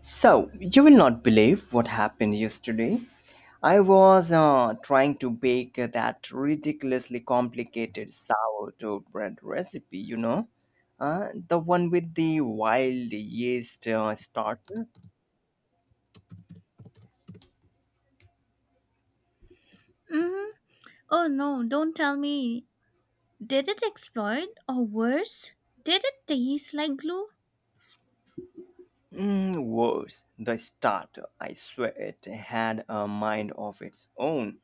So, you will not believe what happened yesterday. I was trying to bake that ridiculously complicated sourdough bread recipe, the one with the wild yeast starter. Mm-hmm. Oh no, don't tell me. Did it explode? Or worse? Did it taste like glue? Mm, worse, the starter, I swear, it had a mind of its own.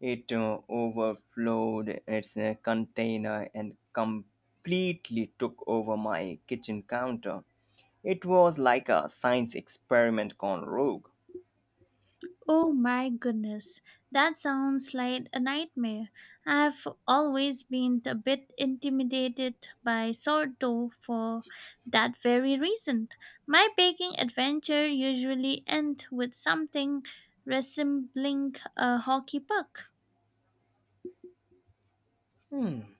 It overflowed its container and completely took over my kitchen counter. It was like a science experiment gone rogue. Oh my goodness, that sounds like a nightmare. I've always been a bit intimidated by sourdough for that very reason. My baking adventure usually ends with something resembling a hockey puck. Hmm.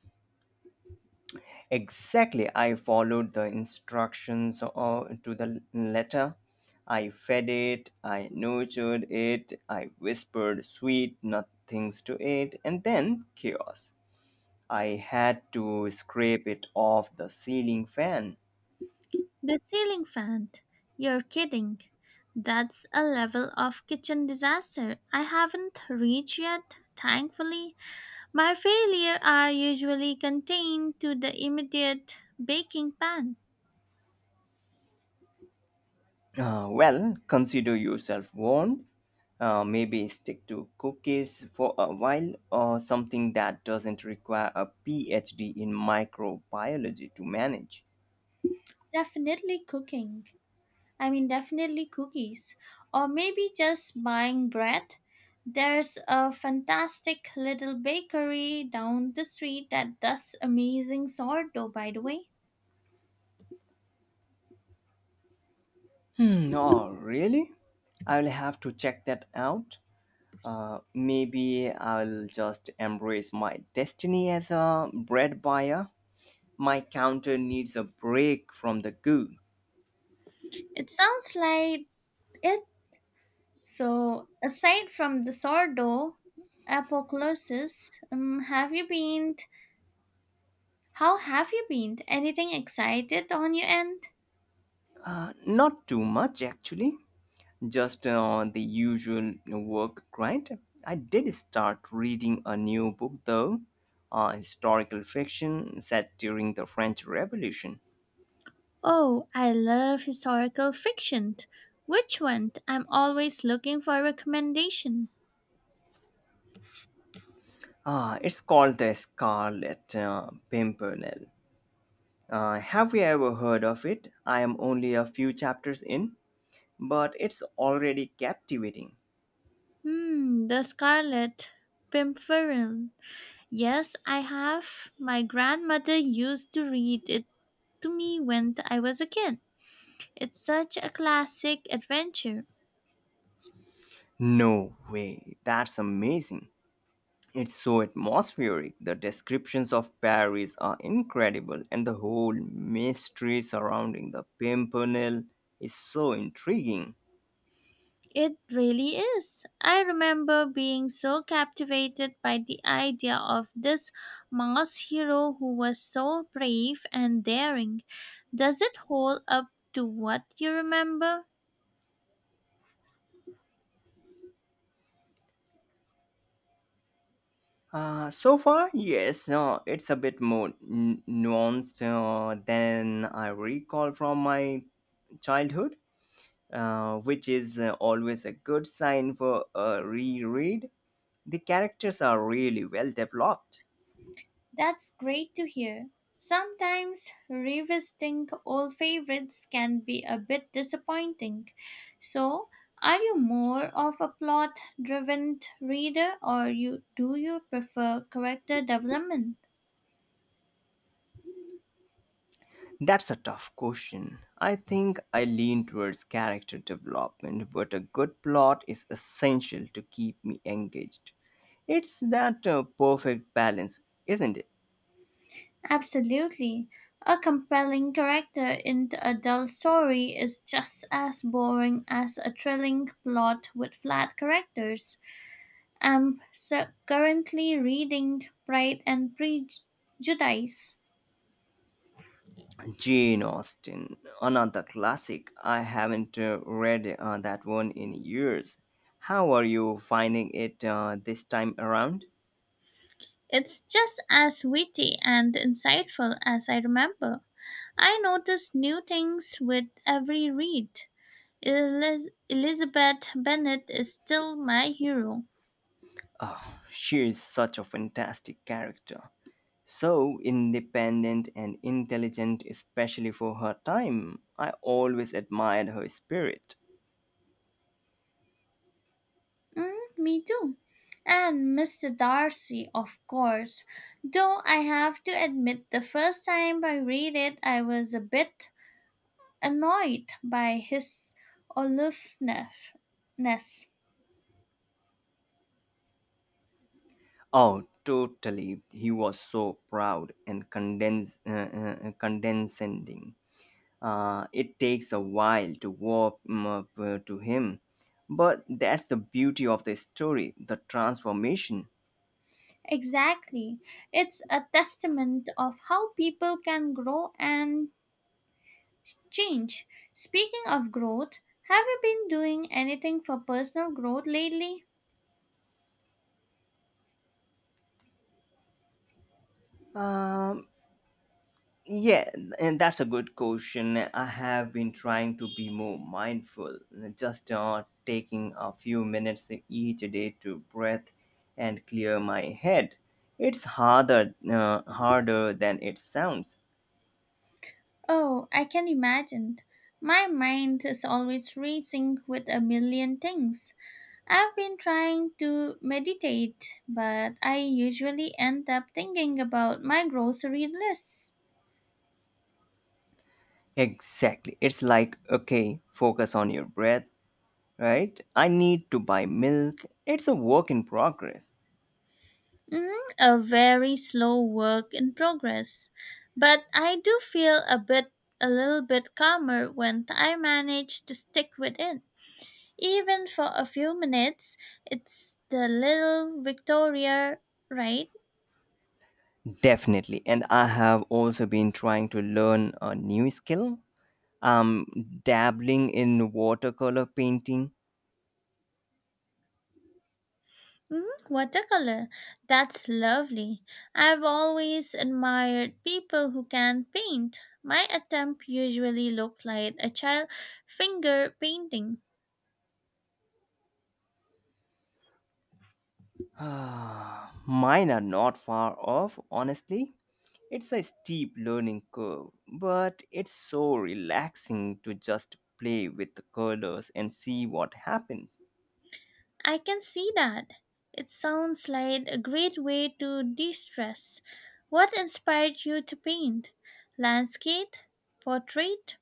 Exactly. I followed the instructions to the letter. I fed it, I nurtured it, I whispered sweet nothings to it, and then chaos. I had to scrape it off the ceiling fan. The ceiling fan! You're kidding. That's a level of kitchen disaster I haven't reached yet, thankfully. My failures are usually contained to the immediate baking pan. Well, consider yourself warned. Maybe stick to cookies for a while or something that doesn't require a PhD in microbiology to manage. Definitely cooking. I mean, definitely cookies. Or maybe just buying bread. There's a fantastic little bakery down the street that does amazing sourdough, by the way. Hmm, oh, really? I'll have to check that out. Maybe I'll just embrace my destiny as a bread buyer. My counter needs a break from the goo. It sounds like it. So, aside from the sourdough apocalypse, have you been? How have you been? Anything excited on your end? Not too much, actually. Just the usual work grind. I did start reading a new book, though, historical fiction set during the French Revolution. Oh, I love historical fiction. Which one? I'm always looking for a recommendation. Ah, it's called The Scarlet Pimpernel. Have you ever heard of it? I am only a few chapters in, but it's already captivating. Hmm, The Scarlet Pimpernel. Yes, I have. My grandmother used to read it to me when I was a kid. It's such a classic adventure. No way, that's amazing. It's so atmospheric. The descriptions of Paris are incredible, and the whole mystery surrounding the Pimpernel is so intriguing. It really is. I remember being so captivated by the idea of this mass hero who was so brave and daring. Does it hold up to what you remember? So far, yes, it's a bit more nuanced than I recall from my childhood, which is always a good sign for a reread. The characters are really well developed. That's great to hear. Sometimes revisiting old favorites can be a bit disappointing. So, are you more of a plot driven reader or you do you prefer character development? That's a tough question. I think I lean towards character development, but a good plot is essential to keep me engaged. It's that perfect balance, isn't it? Absolutely. A compelling character in a dull story is just as boring as a thrilling plot with flat characters. I'm so currently reading Pride and Prejudice. Jane Austen, another classic. I haven't read that one in years. How are you finding it this time around? It's just as witty and insightful as I remember. I notice new things with every read. Elizabeth Bennet is still my hero. She is such a fantastic character. So independent and intelligent, especially for her time. I always admired her spirit. Mm, me too. And Mr. Darcy, of course. Though I have to admit, the first time I read it, I was a bit annoyed by his aloofness. Oh, totally. He was so proud and condescending. It takes a while to warm up to him, but that's the beauty of the story the transformation. Exactly. It's a testament of how people can grow and change. Speaking of growth, have you been doing anything for personal growth lately? Um, Yeah, and that's a good question. I have been trying to be more mindful, just taking a few minutes each day to breathe and clear my head. It's harder, harder than it sounds. Oh, I can imagine. My mind is always racing with a million things. I've been trying to meditate, but I usually end up thinking about my grocery list. Exactly. It's like, okay, focus on your breath, right? I need to buy milk. It's a work in progress. Mm, a very slow work in progress. But I do feel a little bit calmer when I manage to stick with it. Even for a few minutes, it's the little Victoria, right? Definitely. And I have also been trying to learn a new skill. I'm dabbling in watercolor painting. Mm, watercolor. That's lovely. I've always admired people who can paint. My attempt usually looked like a child finger painting. Ah, mine are not far off, honestly. It's a steep learning curve, but it's so relaxing to just play with the colors and see what happens. I can see that. It sounds like a great way to de-stress. What inspired you to paint? Landscape? Portrait?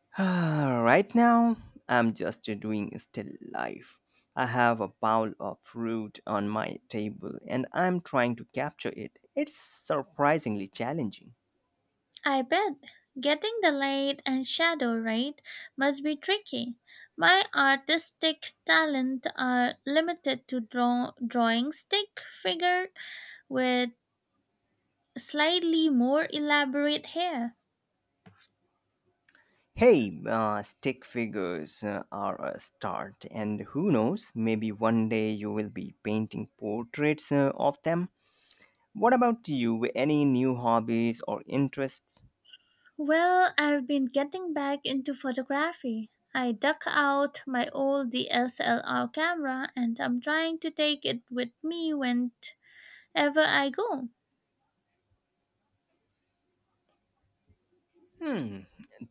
Ah, right now, I'm just doing still life. I have a bowl of fruit on my table and I'm trying to capture it. It's surprisingly challenging. I bet getting the light and shadow right must be tricky. My artistic talent are limited to drawing stick figure with slightly more elaborate hair. Hey, stick figures are a start, and who knows, maybe one day you will be painting portraits of them. What about you? Any new hobbies or interests? Well, I've been getting back into photography. I dug out my old DSLR camera and I'm trying to take it with me whenever I go. Hmm,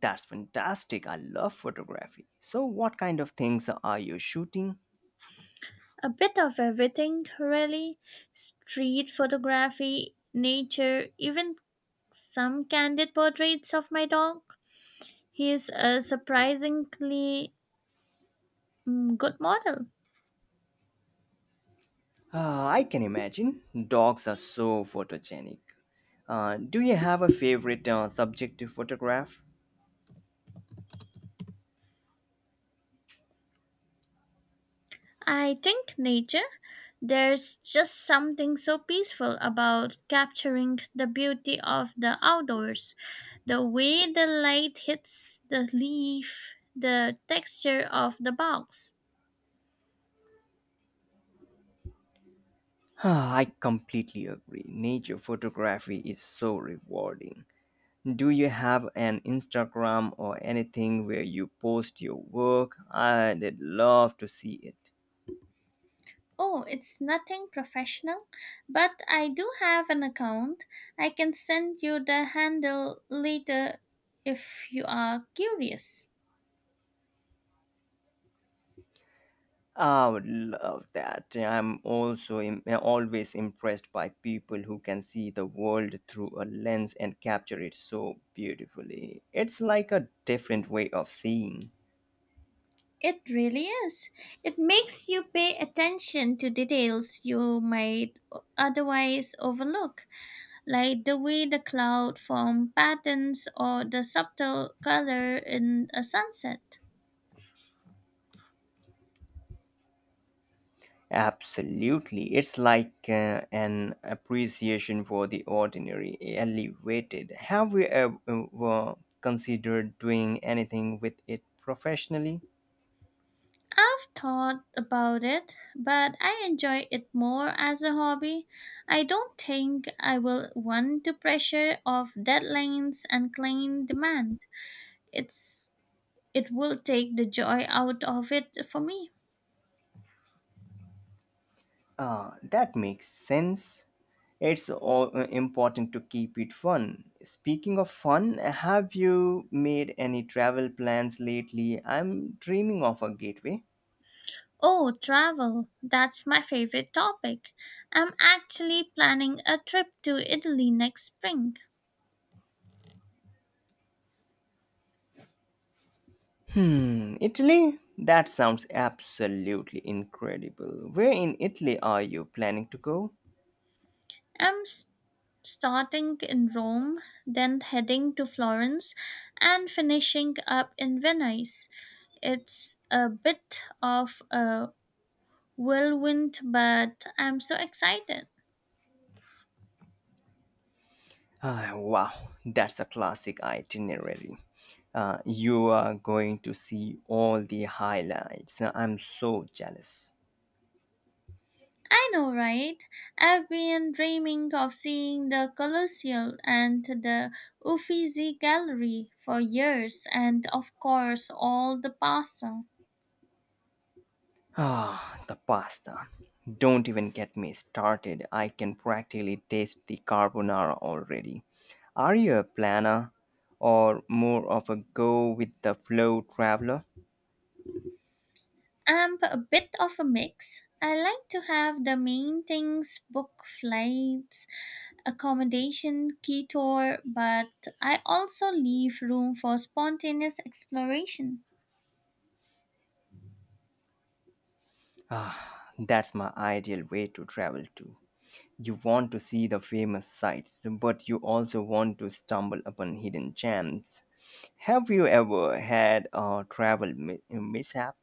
that's fantastic. I love photography. So, what kind of things are you shooting? A bit of everything, really. Street photography, nature, even some candid portraits of my dog. He is a surprisingly good model. I can imagine. Dogs are so photogenic. Do you have a favorite subject to photograph? I think nature, there's just something so peaceful about capturing the beauty of the outdoors. The way the light hits the leaf, the texture of the box. Ah, I completely agree. Nature photography is so rewarding. Do you have an Instagram or anything where you post your work? I'd love to see it. Oh, it's nothing professional, but I do have an account. I can send you the handle later if you are curious. I would love that. I'm also always impressed by people who can see the world through a lens and capture it so beautifully. It's like a different way of seeing. It really is. It makes you pay attention to details you might otherwise overlook, like the way the cloud form patterns or the subtle color in a sunset. Absolutely. It's like an appreciation for the ordinary, elevated. Have you ever considered doing anything with it professionally? I've thought about it, but I enjoy it more as a hobby. I don't think I will want the pressure of deadlines and client demand. It's it will take the joy out of it for me. Ah, that makes sense. It's all important to keep it fun. Speaking of fun, have you made any travel plans lately? I'm dreaming of a gateway. Oh, travel. That's my favorite topic. I'm actually planning a trip to Italy next spring. Hmm, Italy? That sounds absolutely incredible. Where in Italy are you planning to go? I'm s- Starting in Rome, then heading to Florence, and finishing up in Venice. It's a bit of a whirlwind, but I'm so excited. Ah, wow, that's a classic itinerary. You are going to see all the highlights. I'm so jealous. I know, right? I've been dreaming of seeing the Colosseum and the Uffizi Gallery for years, and of course, all the pasta. Ah, the pasta. Don't even get me started. I can practically taste the carbonara already. Are you a planner or more of a go with the flow traveler? I'm a bit of a mix. I like to have the main things book flights, accommodation key-tour, but I also leave room for spontaneous exploration. Ah, that's my ideal way to travel too. You want to see the famous sights, but you also want to stumble upon hidden gems. Have you ever had a travel mishap?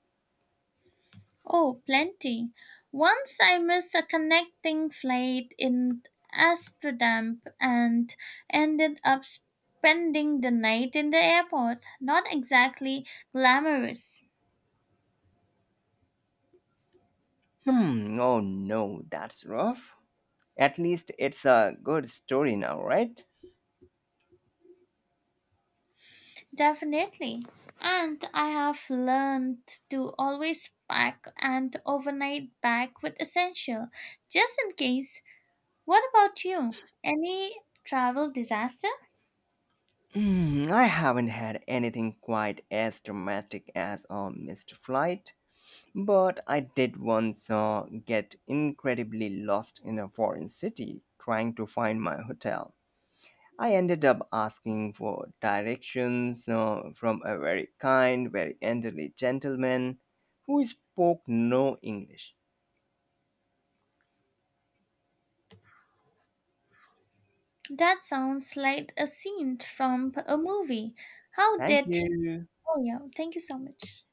Oh, plenty. Once I missed a connecting flight in Amsterdam and ended up spending the night in the airport. Not exactly glamorous. Hmm, oh no, that's rough. At least it's a good story now, right? Definitely. And I have learned to always pack an overnight bag with essential, just in case. What about you? Any travel disaster? Hmm, I haven't had anything quite as dramatic as a missed flight, but I did once get incredibly lost in a foreign city trying to find my hotel. I ended up asking for directions from a very kind, very elderly gentleman who spoke no English. That sounds like a scene from a movie. How Thank did. you. Oh, yeah. Thank you so much.